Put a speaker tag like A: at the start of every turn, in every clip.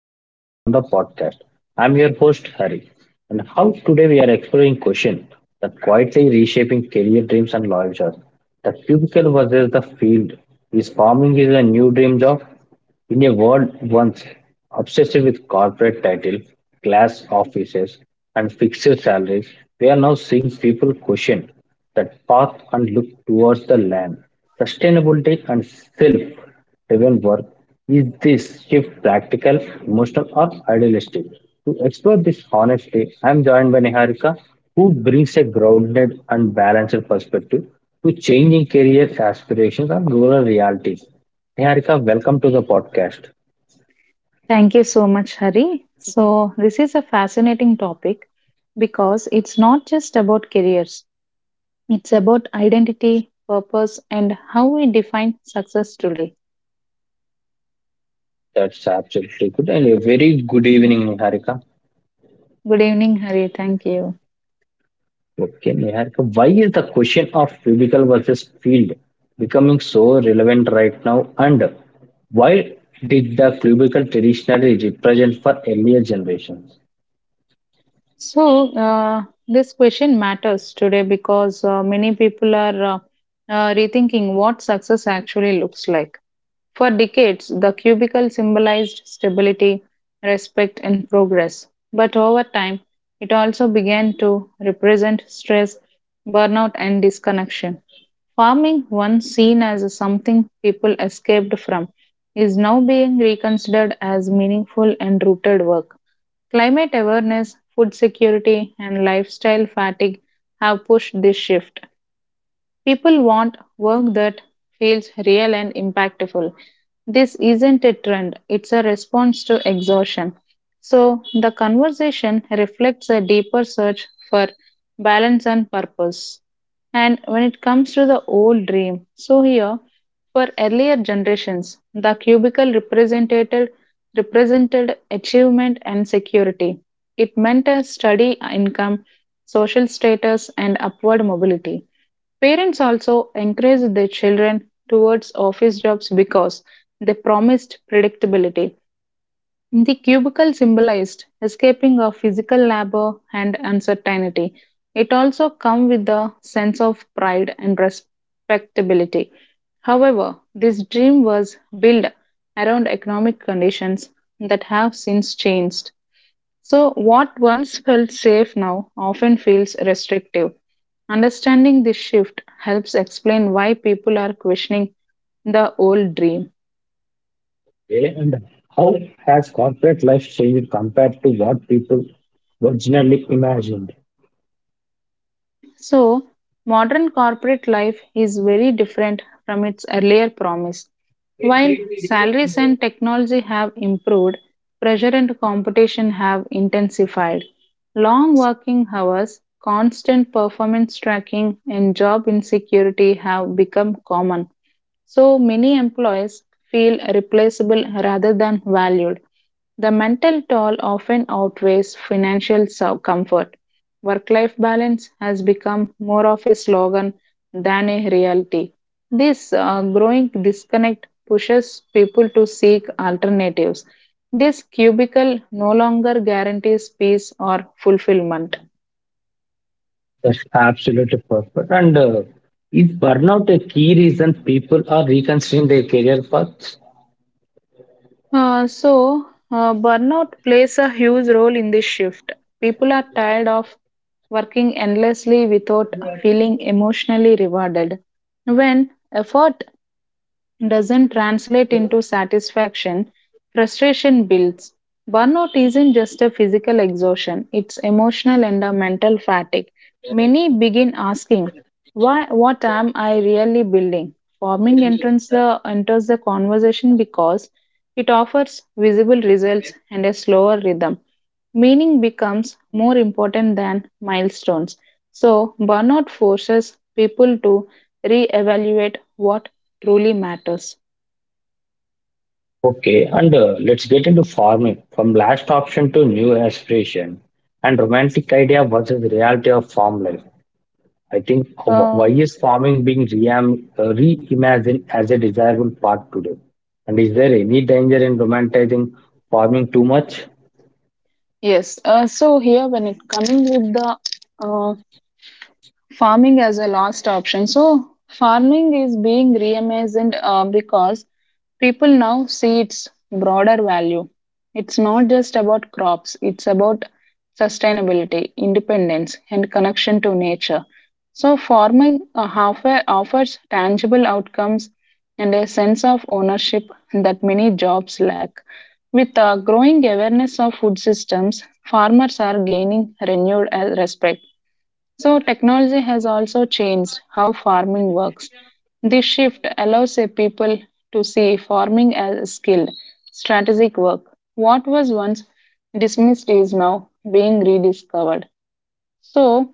A: conversation on the podcast. I'm your host, Hari, and how today we are exploring question that quietly reshaping career dreams and life jobs. The cubicle versus the field. Is farming is a new dream job? In a world once obsessed with corporate titles, glass offices, and fixed salaries, we are now seeing people question that path and look towards the land. Sustainability and self driven work is this shift practical, emotional, or idealistic? To explore this honestly, I am joined by Niharika, who brings a grounded and balanced perspective to changing career aspirations and rural realities. Niharika, welcome to the podcast.
B: Thank you so much, Hari. So, this is a fascinating topic because it's not just about careers, it's about identity, purpose, and how we define success today.
A: That's absolutely good. And a very good evening, Niharika.
B: Good evening, Hari. Thank you.
A: Okay, Niharika, why is the question of physical versus field becoming so relevant right now? And why did the cubicle traditionally represent for earlier generations?
B: So, this question matters today because many people are rethinking what success actually looks like. For decades, the cubicle symbolized stability, respect, and progress. But over time, it also began to represent stress, burnout, and disconnection. Farming, once seen as something people escaped from, is now being reconsidered as meaningful and rooted work. Climate awareness, food security, and lifestyle fatigue have pushed this shift. People want work that feels real and impactful. This isn't a trend, it's a response to exhaustion. So, the conversation reflects a deeper search for balance and purpose. And when it comes to the old dream, so here, for earlier generations, the cubicle represented achievement and security. It meant a steady income, social status, and upward mobility. Parents also encouraged their children towards office jobs because they promised predictability. The cubicle symbolized escaping of physical labor and uncertainty. It also came with a sense of pride and respectability. However, this dream was built around economic conditions that have since changed. So, what once felt safe now often feels restrictive. Understanding this shift helps explain why people are questioning the old dream.
A: Okay, and how has corporate life changed compared to what people originally imagined?
B: So, modern corporate life is very different from its earlier promise. While salaries and technology have improved, pressure and competition have intensified. Long working hours, constant performance tracking, and job insecurity have become common. So many employees feel replaceable rather than valued. The mental toll often outweighs financial comfort. Work life balance has become more of a slogan than a reality. This growing disconnect pushes people to seek alternatives. This cubicle no longer guarantees peace or fulfillment.
A: That's absolutely perfect. And is burnout a key reason people are reconsidering their career paths?
B: Burnout plays a huge role in this shift. People are tired of working endlessly without feeling emotionally rewarded. When effort doesn't translate into satisfaction, frustration builds. Burnout isn't just a physical exhaustion, it's emotional and a mental fatigue. Many begin asking, why what am I really building? Farming enters the conversation because it offers visible results and a slower rhythm. Meaning becomes more important than milestones. So burnout forces people to re-evaluate what truly matters.
A: Okay, and let's get into farming from last option to new aspiration and romantic idea versus reality of farm life. I think why
B: Uh,
A: is farming being reimagined as a desirable part today? And is there any danger in romanticizing farming too much?
B: yes. So here, when it coming with the uh, farming as a last option. So, farming is being reimagined because people now see its broader value. It's not just about crops, it's about sustainability, independence, and connection to nature. So, farming offers tangible outcomes and a sense of ownership that many jobs lack. With a growing awareness of food systems, farmers are gaining renewed respect. So, technology has also changed how farming works. This shift allows a people to see farming as a skill, strategic work. What was once dismissed is now being rediscovered. So,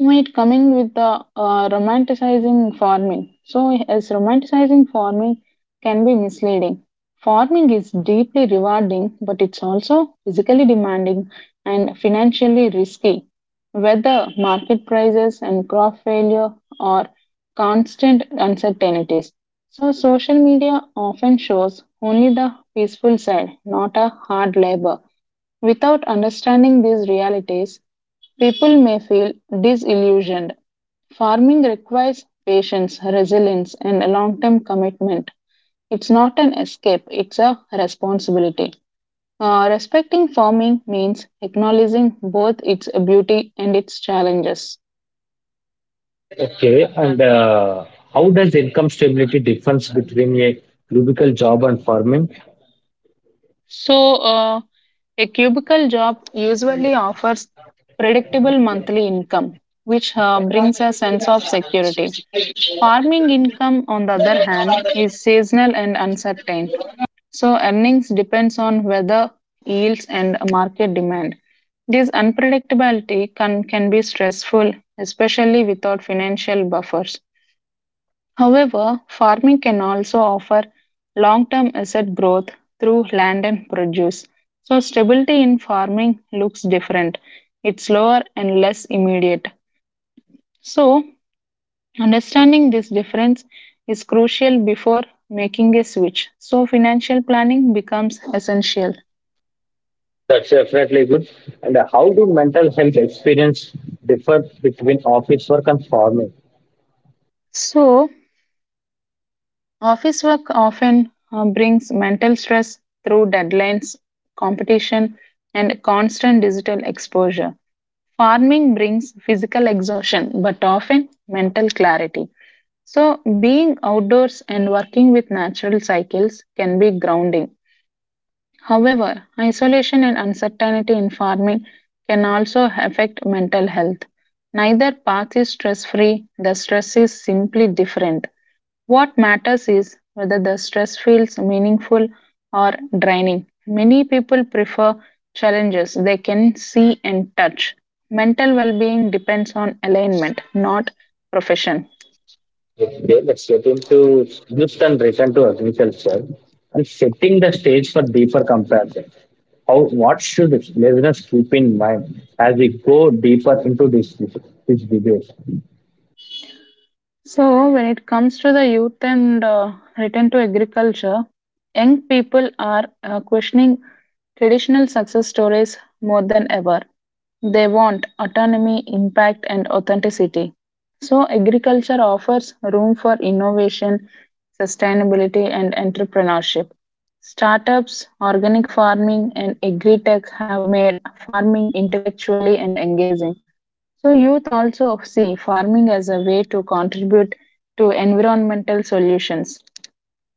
B: when it coming with the romanticizing farming. So, as romanticizing farming can be misleading. Farming is deeply rewarding, but it's also physically demanding and financially risky. Weather, market prices and crop failure are constant uncertainties. So, social media often shows only the peaceful side, not a hard labor. Without understanding these realities, people may feel disillusioned. Farming requires patience, resilience, and a long term commitment. It's not an escape, it's a responsibility. Respecting farming means acknowledging both its beauty and its challenges.
A: Okay, and how does income stability difference between a cubicle job and farming?
B: So, a cubicle job usually offers predictable monthly income, which brings a sense of security. Farming income, on the other hand, is seasonal and uncertain, so earnings depends on weather, yields, and market demand. This unpredictability can be stressful, especially without financial buffers. However, farming can also offer long term asset growth through land and produce. So, stability in farming looks different, it's slower and less immediate. So, understanding this difference is crucial before making a switch, so financial planning becomes essential.
A: That's definitely good. And how do mental health experience differ between office work and farming?
B: So, office work often brings mental stress through deadlines, competition, and constant digital exposure. Farming brings physical exhaustion but often mental clarity. So, being outdoors and working with natural cycles can be grounding. However, isolation and uncertainty in farming can also affect mental health. Neither path is stress free, the stress is simply different. What matters is whether the stress feels meaningful or draining. Many people prefer challenges they can see and touch. Mental well being depends on alignment, not profession.
A: Okay, let's get into youth and return to agriculture and setting the stage for deeper comparison. How what should listeners keep in mind as we go deeper into this debate?
B: So, when it comes to the youth and return to agriculture, young people are questioning traditional success stories more than ever. They want autonomy, impact, and authenticity. So, agriculture offers room for innovation, sustainability, and entrepreneurship. Startups, organic farming, and agri tech have made farming intellectually and engaging. So youth also see farming as a way to contribute to environmental solutions.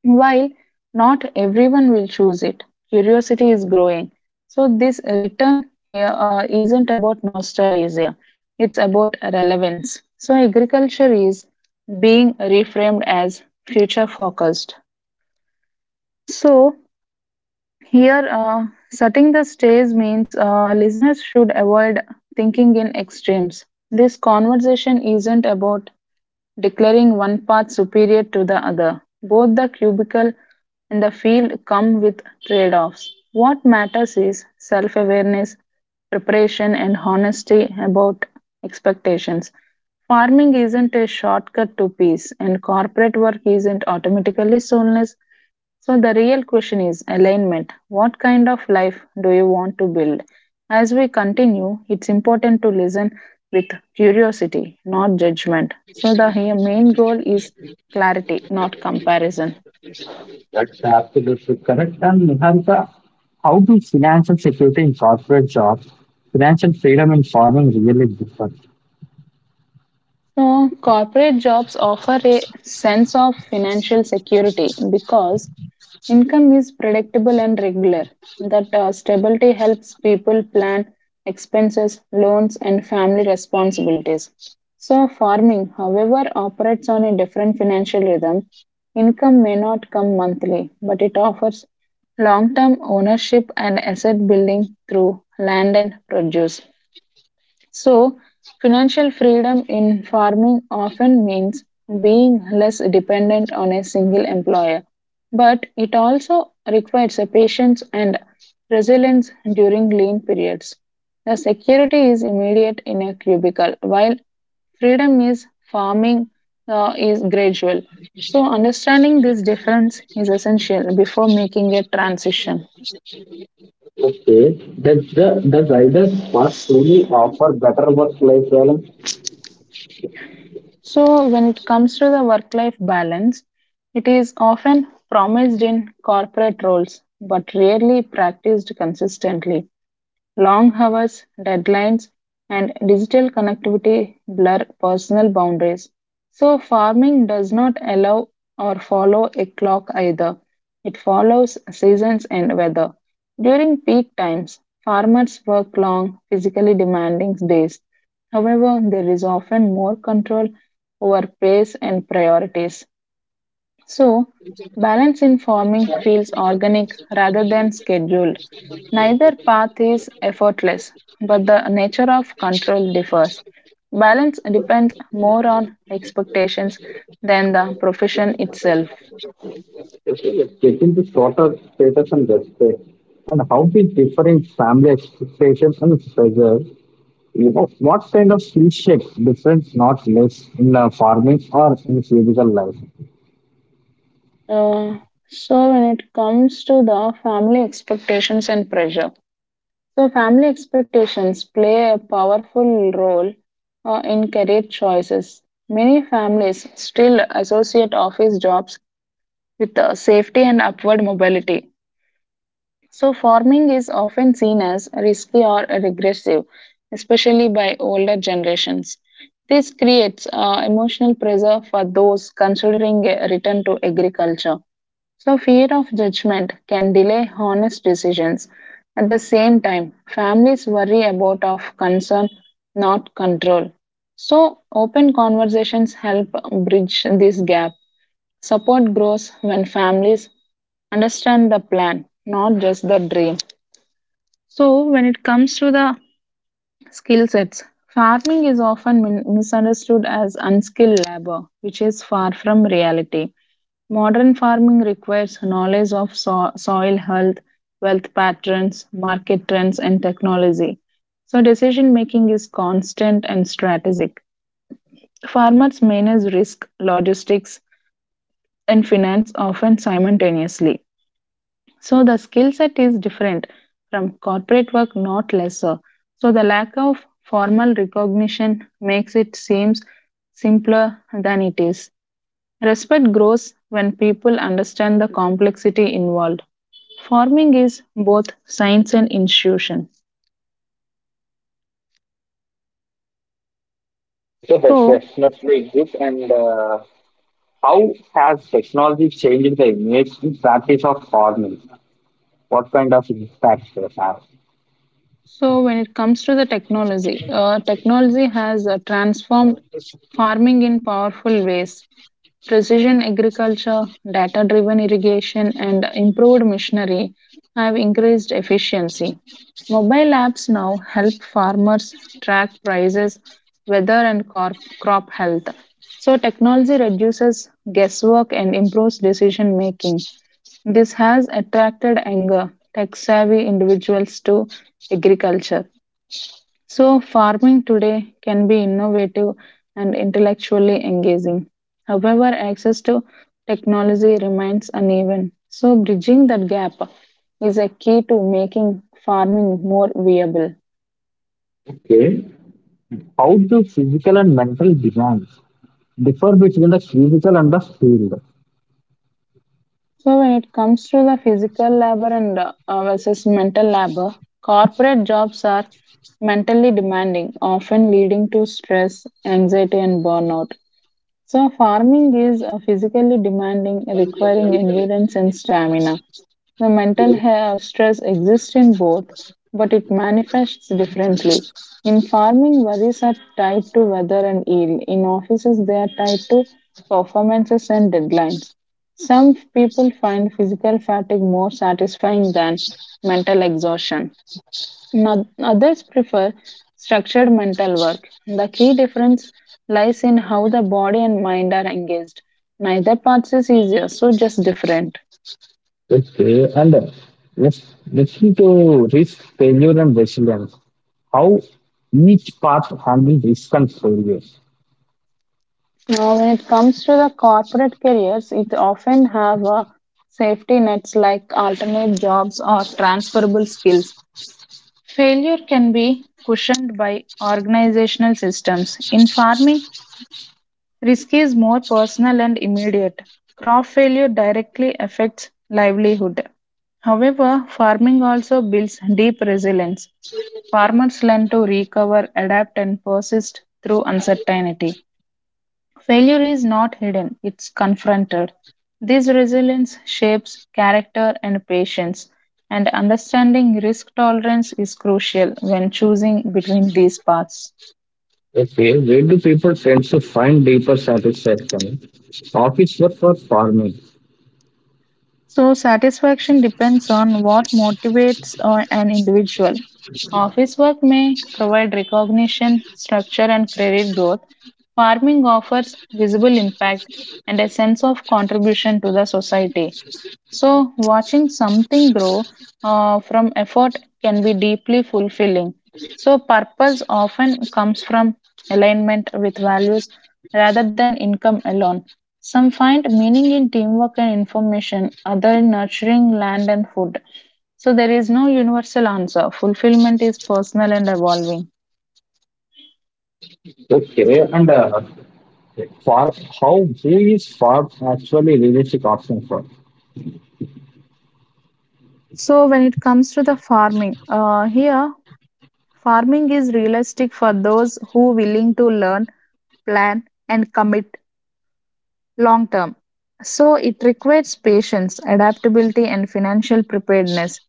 B: While not everyone will choose it, curiosity is growing. So this return here isn't about nostalgia; it's about relevance. So agriculture is being reframed as future focused. So here, setting the stage means listeners should avoid thinking in extremes. This conversation isn't about declaring one path superior to the other. Both the cubicle and the field come with trade offs. What matters is self awareness, preparation, and honesty about expectations. Farming isn't a shortcut to peace, and corporate work isn't automatically soulless. So, the real question is alignment. What kind of life do you want to build? As we continue, it's important to listen with curiosity, not judgment. So, the main goal is clarity, not comparison.
A: That's absolutely correct. And Niharika, how do financial security in corporate jobs, financial freedom in farming really differ?
B: So, corporate jobs offer a sense of financial security because income is predictable and regular. That stability helps people plan expenses, loans, and family responsibilities. So, farming, however, operates on a different financial rhythm. Income may not come monthly, but it offers long term ownership and asset building through land and produce. So, financial freedom in farming often means being less dependent on a single employer, but it also requires a patience and resilience during lean periods. The security is immediate in a cubicle, while freedom is farming is gradual. So, understanding this difference is essential before making a transition.
A: Okay, does the does either path truly offer better work-life balance?
B: So, when it comes to the work life balance, it is often promised in corporate roles but rarely practiced consistently. Long hours, deadlines, and digital connectivity blur personal boundaries. So, farming does not allow or follow a clock either. It follows seasons and weather. During peak times, farmers work long, physically demanding days. However, there is often more control over pace and priorities. So, balance in farming feels organic rather than scheduled. Neither path is effortless, but the nature of control differs. Balance depends more on expectations than the profession itself.
A: Taking the shorter status and respect, and how do differing family expectations and pressure, you know, what kind of skill shapes difference not less in farming or in physical life?
B: Uh, so, when it comes to the family expectations and pressure, so family expectations play a powerful role in career choices. Many families still associate office jobs with safety and upward mobility. So, farming is often seen as risky or regressive, especially by older generations. This creates emotional pressure for those considering a return to agriculture. So, fear of judgment can delay honest decisions. At the same time, families worry about of concern, not control. So, open conversations help bridge this gap. Support grows when families understand the plan, not just the dream. So, when it comes to the skill sets, farming is often misunderstood as unskilled labor, which is far from reality. Modern farming requires knowledge of soil health, wealth patterns, market trends, and technology. So, decision making is constant and strategic. Farmers manage risk, logistics, and finance often simultaneously. So the skill set is different from corporate work, not lesser. So the lack of formal recognition makes it seems simpler than it is. Respect grows when people understand the complexity involved. Farming is both science and institution.
A: It is
B: So,
A: definitely good and. How has technology changed the image and practice of farming? What kind of impact it has?
B: so, when it comes to the technology, technology has transformed farming in powerful ways. Precision agriculture, data driven irrigation, and improved machinery have increased efficiency. Mobile apps now help farmers track prices, weather, and crop health. So, technology reduces guesswork and improves decision making. This has attracted younger, tech savvy individuals to agriculture. So, farming today can be innovative and intellectually engaging. However, access to technology remains uneven. So, bridging that gap is a key to making farming more viable.
A: Okay. How do physical and mental demands differ between the physical and the field?
B: So, when it comes to the physical labor and versus mental labor, corporate jobs are mentally demanding, often leading to stress, anxiety, and burnout. So, farming is physically demanding, requiring endurance and stamina. The mental stress exists in both, but it manifests differently. In farming, worries are tied to weather and yield. In offices, they are tied to performances and deadlines. Some people find physical fatigue more satisfying than mental exhaustion. No- Others prefer structured mental work. The key difference lies in how the body and mind are engaged. Neither path is easier, so just different.
A: Okay. And let's listen to risk, failure, and resilience. How each path handles risk and failures.
B: Now, when it comes to the corporate careers, it often have safety nets like alternate jobs or transferable skills. Failure can be cushioned by organizational systems. In farming, risk is more personal and immediate. Crop failure directly affects livelihood. However, farming also builds deep resilience. Farmers learn to recover, adapt, and persist through uncertainty. Failure is not hidden, it's confronted. This resilience shapes character and patience, and understanding risk tolerance is crucial when choosing between these paths.
A: Okay, where do people tend to find deeper satisfaction? Office work or farming?
B: So, satisfaction depends on what motivates an individual. Office work may provide recognition, structure, and credit growth. Farming offers visible impact and a sense of contribution to the society. So, watching something grow from effort can be deeply fulfilling. So, purpose often comes from alignment with values rather than income alone. Some find meaning in teamwork and information, other in nurturing land and food. So, there is no universal answer. Fulfillment is personal and evolving.
A: Okay, and uh, Okay, for how who is FARP actually realistic option for?
B: So, when it comes to the farming, here farming is realistic for those who willing to learn, plan, and commit long term. So it requires patience, adaptability, and financial preparedness.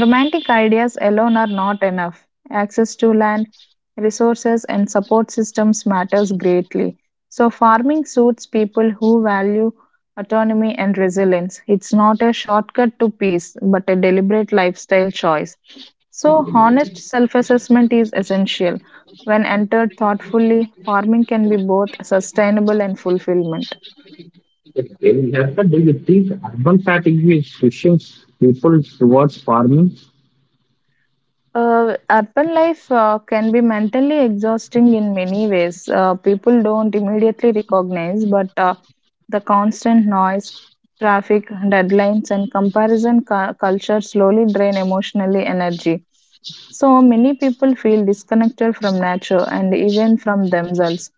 B: Romantic ideas alone are not enough. Access to land, resources, and support systems matters greatly. So farming suits people who value autonomy and resilience. It's not a shortcut to peace, but a deliberate lifestyle choice. So honest self-assessment is essential. When entered thoughtfully, farming can be both sustainable and fulfillment.
A: Okay, Jessica, do you think urban fatigue is pushing people towards farming?
B: Urban life can be mentally exhausting in many ways. People don't immediately recognize, but the constant noise, traffic, deadlines, and comparison culture slowly drain emotionally energy. So many people feel disconnected from nature and even from themselves.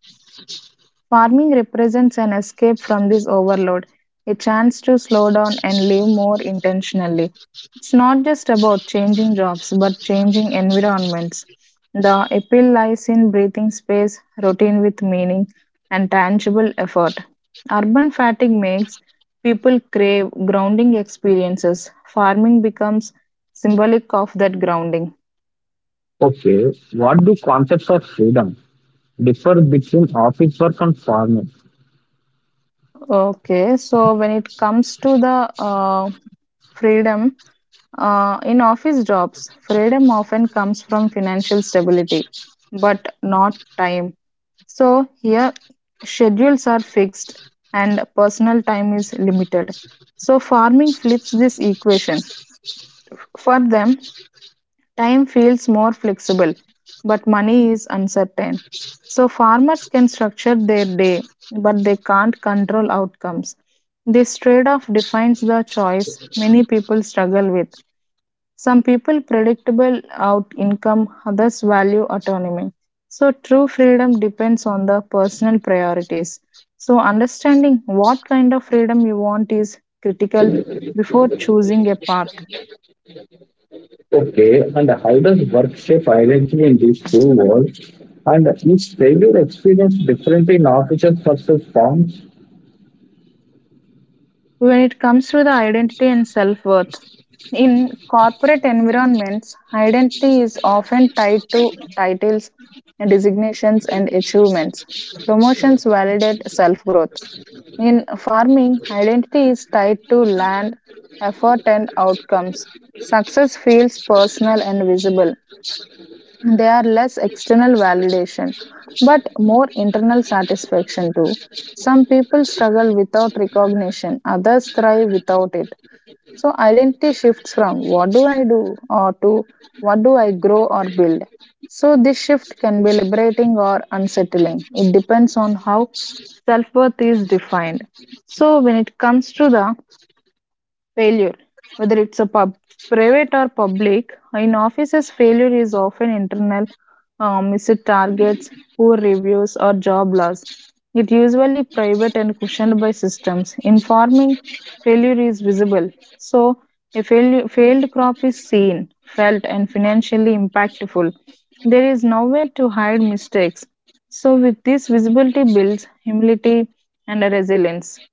B: Farming represents an escape from this overload, a chance to slow down and live more intentionally. It's not just about changing jobs, but changing environments. The appeal lies in breathing space, routine with meaning, and tangible effort. Urban fatigue makes people crave grounding experiences. Farming becomes symbolic of that grounding.
A: Okay, what do concepts of freedom differ between office work and farming?
B: Okay, so when it comes to the uh, freedom, in office jobs, freedom often comes from financial stability, but not time. So, here schedules are fixed and personal time is limited. So, farming flips this equation. For them, time feels more flexible, but money is uncertain. So, farmers can structure their day, but they can't control outcomes. This trade off defines the choice many people struggle with. Some people predictable out income, others value autonomy. So true freedom depends on the personal priorities. So understanding what kind of freedom you want is critical before choosing a path.
A: Okay, and how does work shape identity in these two worlds? And is failure experience different in offices versus farms?
B: When it comes to the identity and self-worth, in corporate environments, identity is often tied to titles, designations and achievements. Promotions validate self-growth. In farming, identity is tied to land, effort, and outcomes. Success feels personal and visible. They are less external validation, but more internal satisfaction too. Some people struggle without recognition, others thrive without it. So identity shifts from what do I do or to what do I grow or build. So this shift can be liberating or unsettling. It depends on how self worth is defined. So when it comes to the failure, whether it's a pub, private or public, in offices, failure is often internal, missed targets, poor reviews, or job loss. It usually private and cushioned by systems. In farming, failure is visible, so failed crop is seen, felt, and financially impactful. There is nowhere to hide mistakes. So, with this visibility builds humility and resilience.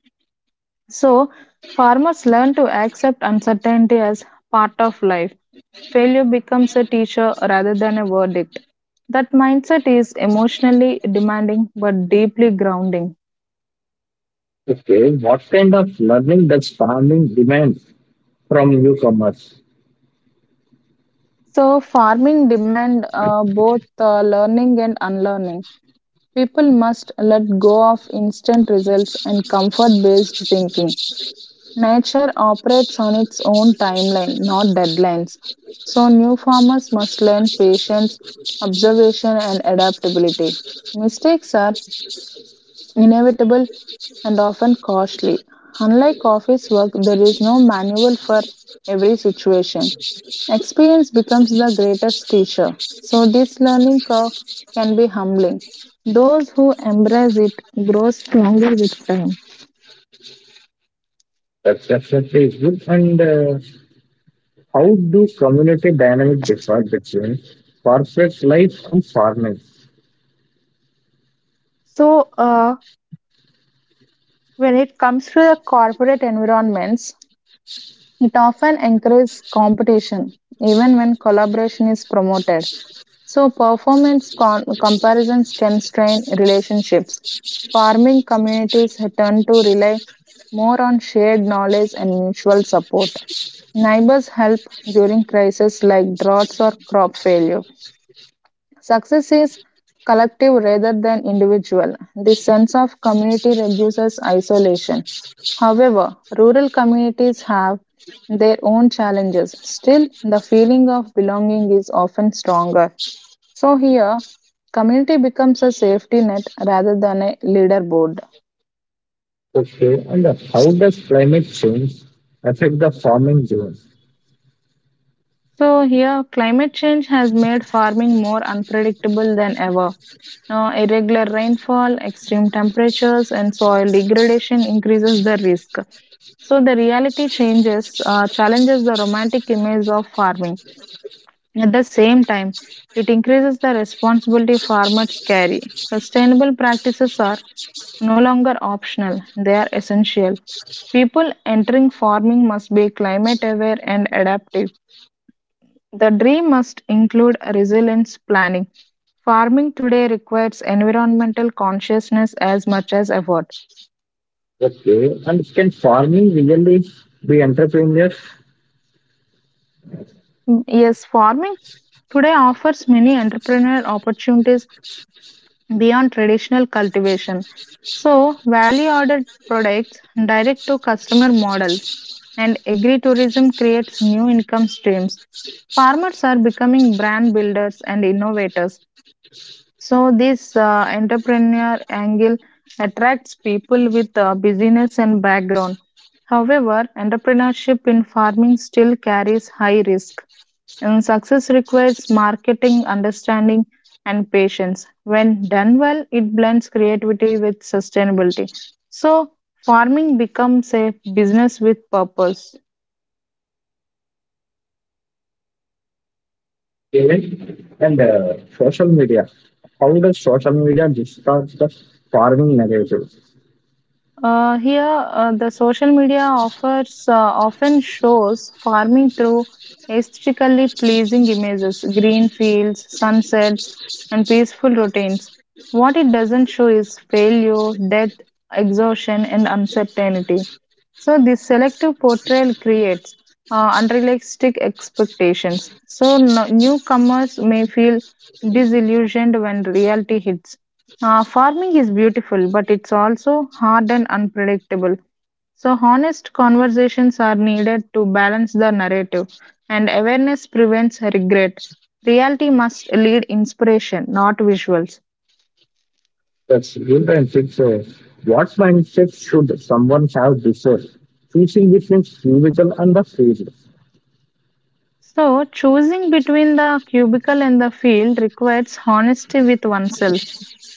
B: So, farmers learn to accept uncertainty as part of life. Failure becomes a teacher rather than a verdict. That mindset is emotionally demanding but deeply grounding.
A: Okay, what kind of learning does farming demand from newcomers?
B: So, farming demand both learning and unlearning. People must let go of instant results and comfort based thinking. Nature operates on its own timeline, not deadlines. So, new farmers must learn patience, observation, and adaptability. Mistakes are inevitable and often costly. Unlike office work, there is no manual for every situation. Experience becomes the greatest teacher. So, this learning curve can be humbling. Those who embrace it grow stronger with time.
A: That's definitely good. And how do community dynamic differ between corporate life and farming?
B: So, uh, When it comes to the corporate environments, it often encourages competition, even when collaboration is promoted. So, performance comparisons can strain relationships. Farming communities tend to rely more on shared knowledge and mutual support. Neighbors help during crises like droughts or crop failure. Success is collective rather than individual. This sense of community reduces isolation. However, rural communities have their own challenges. Still, the feeling of belonging is often stronger. So, here, community becomes a safety net rather than a leaderboard.
A: Okay, and how does climate change affect the farming zone?
B: So, here, climate change has made farming more unpredictable than ever. Irregular rainfall, extreme temperatures, and soil degradation increases the risk. So the reality changes, challenges the romantic image of farming. At the same time, it increases the responsibility farmers carry. Sustainable practices are no longer optional, they are essential. People entering farming must be climate aware and adaptive. The dream must include resilience planning. Farming today requires environmental consciousness as much as effort.
A: Okay, and can farming really be entrepreneurs?
B: Mm, yes, farming today offers many entrepreneurial opportunities beyond traditional cultivation. So, value added products, direct to customer models, and agritourism creates new income streams. Farmers are becoming brand builders and innovators. So, this entrepreneur angle attracts people with business and background. However, entrepreneurship in farming still carries high risk. And success requires marketing, understanding, and patience. When done well, it blends creativity with sustainability. So, farming becomes a business with purpose.
A: Okay. And social media, how does social media distort the farming narrative?
B: Here, the social media offers often shows farming through aesthetically pleasing images, green fields, sunsets, and peaceful routines. What it doesn't show is failure, death, exhaustion, and uncertainty. So, this selective portrayal creates unrealistic expectations. So, newcomers may feel disillusioned when reality hits. Farming is beautiful, but it's also hard and unpredictable. So, honest conversations are needed to balance the narrative, and awareness prevents regret. Reality must lead inspiration, not visuals.
A: That's good. And what mindset should someone have before choosing between physical and the field?
B: So, choosing between the cubicle and the field requires honesty with oneself.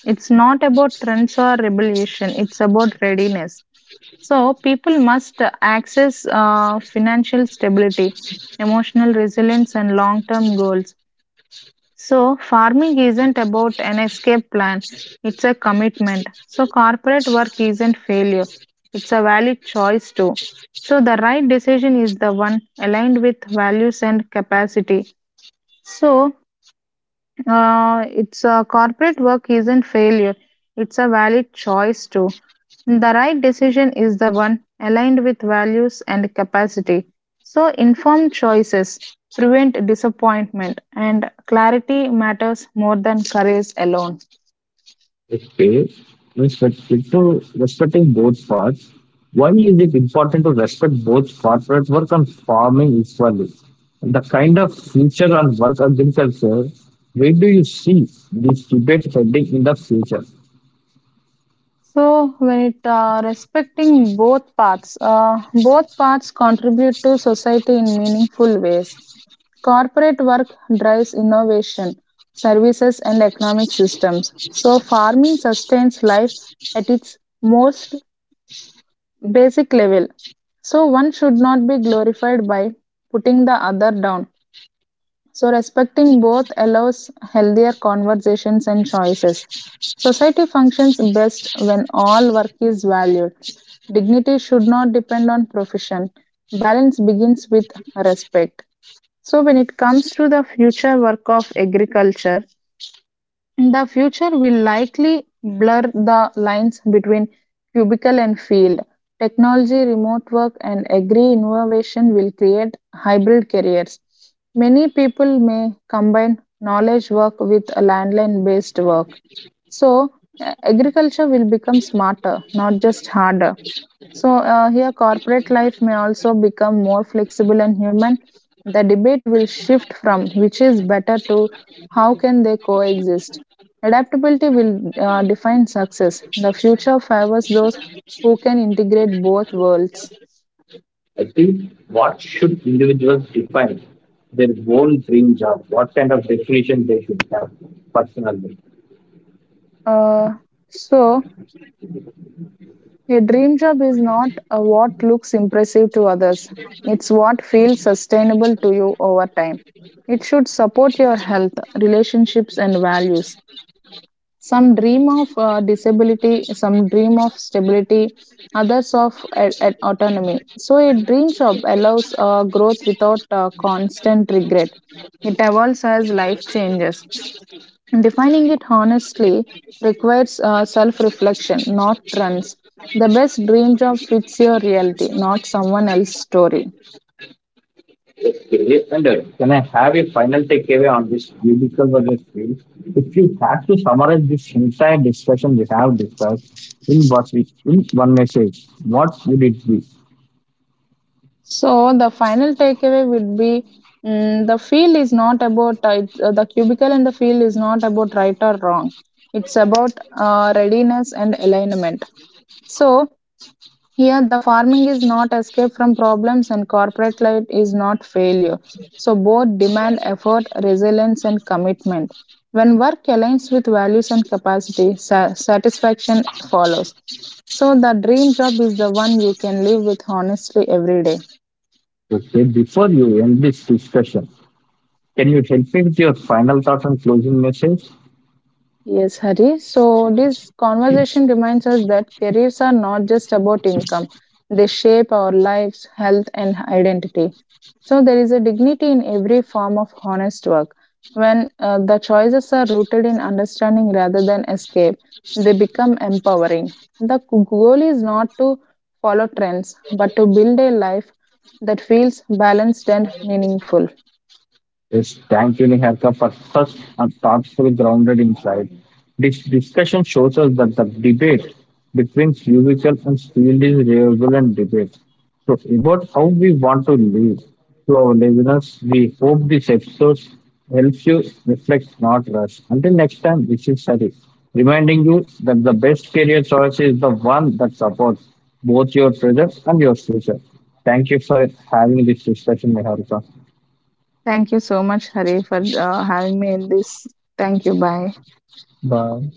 B: It's not about trends or rebellion, it's about readiness. So, people must access financial stability, emotional resilience, and long term goals. So, farming isn't about an escape plan, it's a commitment. So, corporate work isn't failure, it's a valid choice too. So, the right decision is the one aligned with values and capacity. So, it's a corporate work isn't failure. It's a valid choice too. The right decision is the one aligned with values and capacity. So informed choices prevent disappointment and clarity matters more than courage alone.
A: Okay. Respect, so respecting both parts. Why is it important to respect both corporate work and farming equally? And the kind of future on work agriculture, where do you see this debate heading in the future?
B: So, when it respecting both paths contribute to society in meaningful ways. Corporate work drives innovation, services, and economic systems. So, farming sustains life at its most basic level. So, one should not be glorified by putting the other down. So, respecting both allows healthier conversations and choices. Society functions best when all work is valued. Dignity should not depend on profession. Balance begins with respect. So, when it comes to the future work of agriculture, the future will likely blur the lines between cubicle and field. Technology, remote work, and agri innovation will create hybrid careers. Many people may combine knowledge work with landline based work. So, agriculture will become smarter, not just harder. So, here, corporate life may also become more flexible and human. The debate will shift from which is better to how can they coexist. Adaptability will define success. The future favors those who can integrate both worlds.
A: I think what should individuals define their own dream job? What kind of definition they should have personally?
B: Uh, so, a dream job is not what looks impressive to others, it's what feels sustainable to you over time. It should support your health, relationships, and values. Some dream of disability, some dream of stability, others of autonomy. So, a dream job allows growth without constant regret. It evolves as life changes. Defining it honestly requires self reflection, not trends. The best dream job fits your reality, not someone else's story.
A: Okay, and can I have a final takeaway on this beautiful weather field? If you have to summarize this entire discussion we have discussed in what we in one message, what would it be?
B: So the final takeaway would be, mm, the cubicle and the field is not about right or wrong. It's about readiness and alignment. So here the farming is not escape from problems and corporate life is not failure. So both demand effort, resilience, and commitment. When work aligns with values and capacity, satisfaction follows. So the dream job is the one you can live with honestly every day.
A: Okay, before you end this discussion, can you help me with your final thoughts and closing message?
B: Yes, Hari. So, this conversation reminds us that careers are not just about income, they shape our lives, health, and identity. So, there is a dignity in every form of honest work. When the choices are rooted in understanding rather than escape, they become empowering. The goal is not to follow trends, but to build a life that feels balanced and meaningful.
A: Yes, thank you, Niharika, for such a thoughtful, grounded insight. This discussion shows us that the debate between physical and field is relevant debate. So, about how we want to live to our listeners, we hope this episode helps you reflect, not rush. Until next time, this is Sari, reminding you that the best career choice is the one that supports both your present and your future. Thank you for having this discussion, Niharika.
B: Thank you so much, Hari, for having me in this. Thank you. Bye.
A: Bye.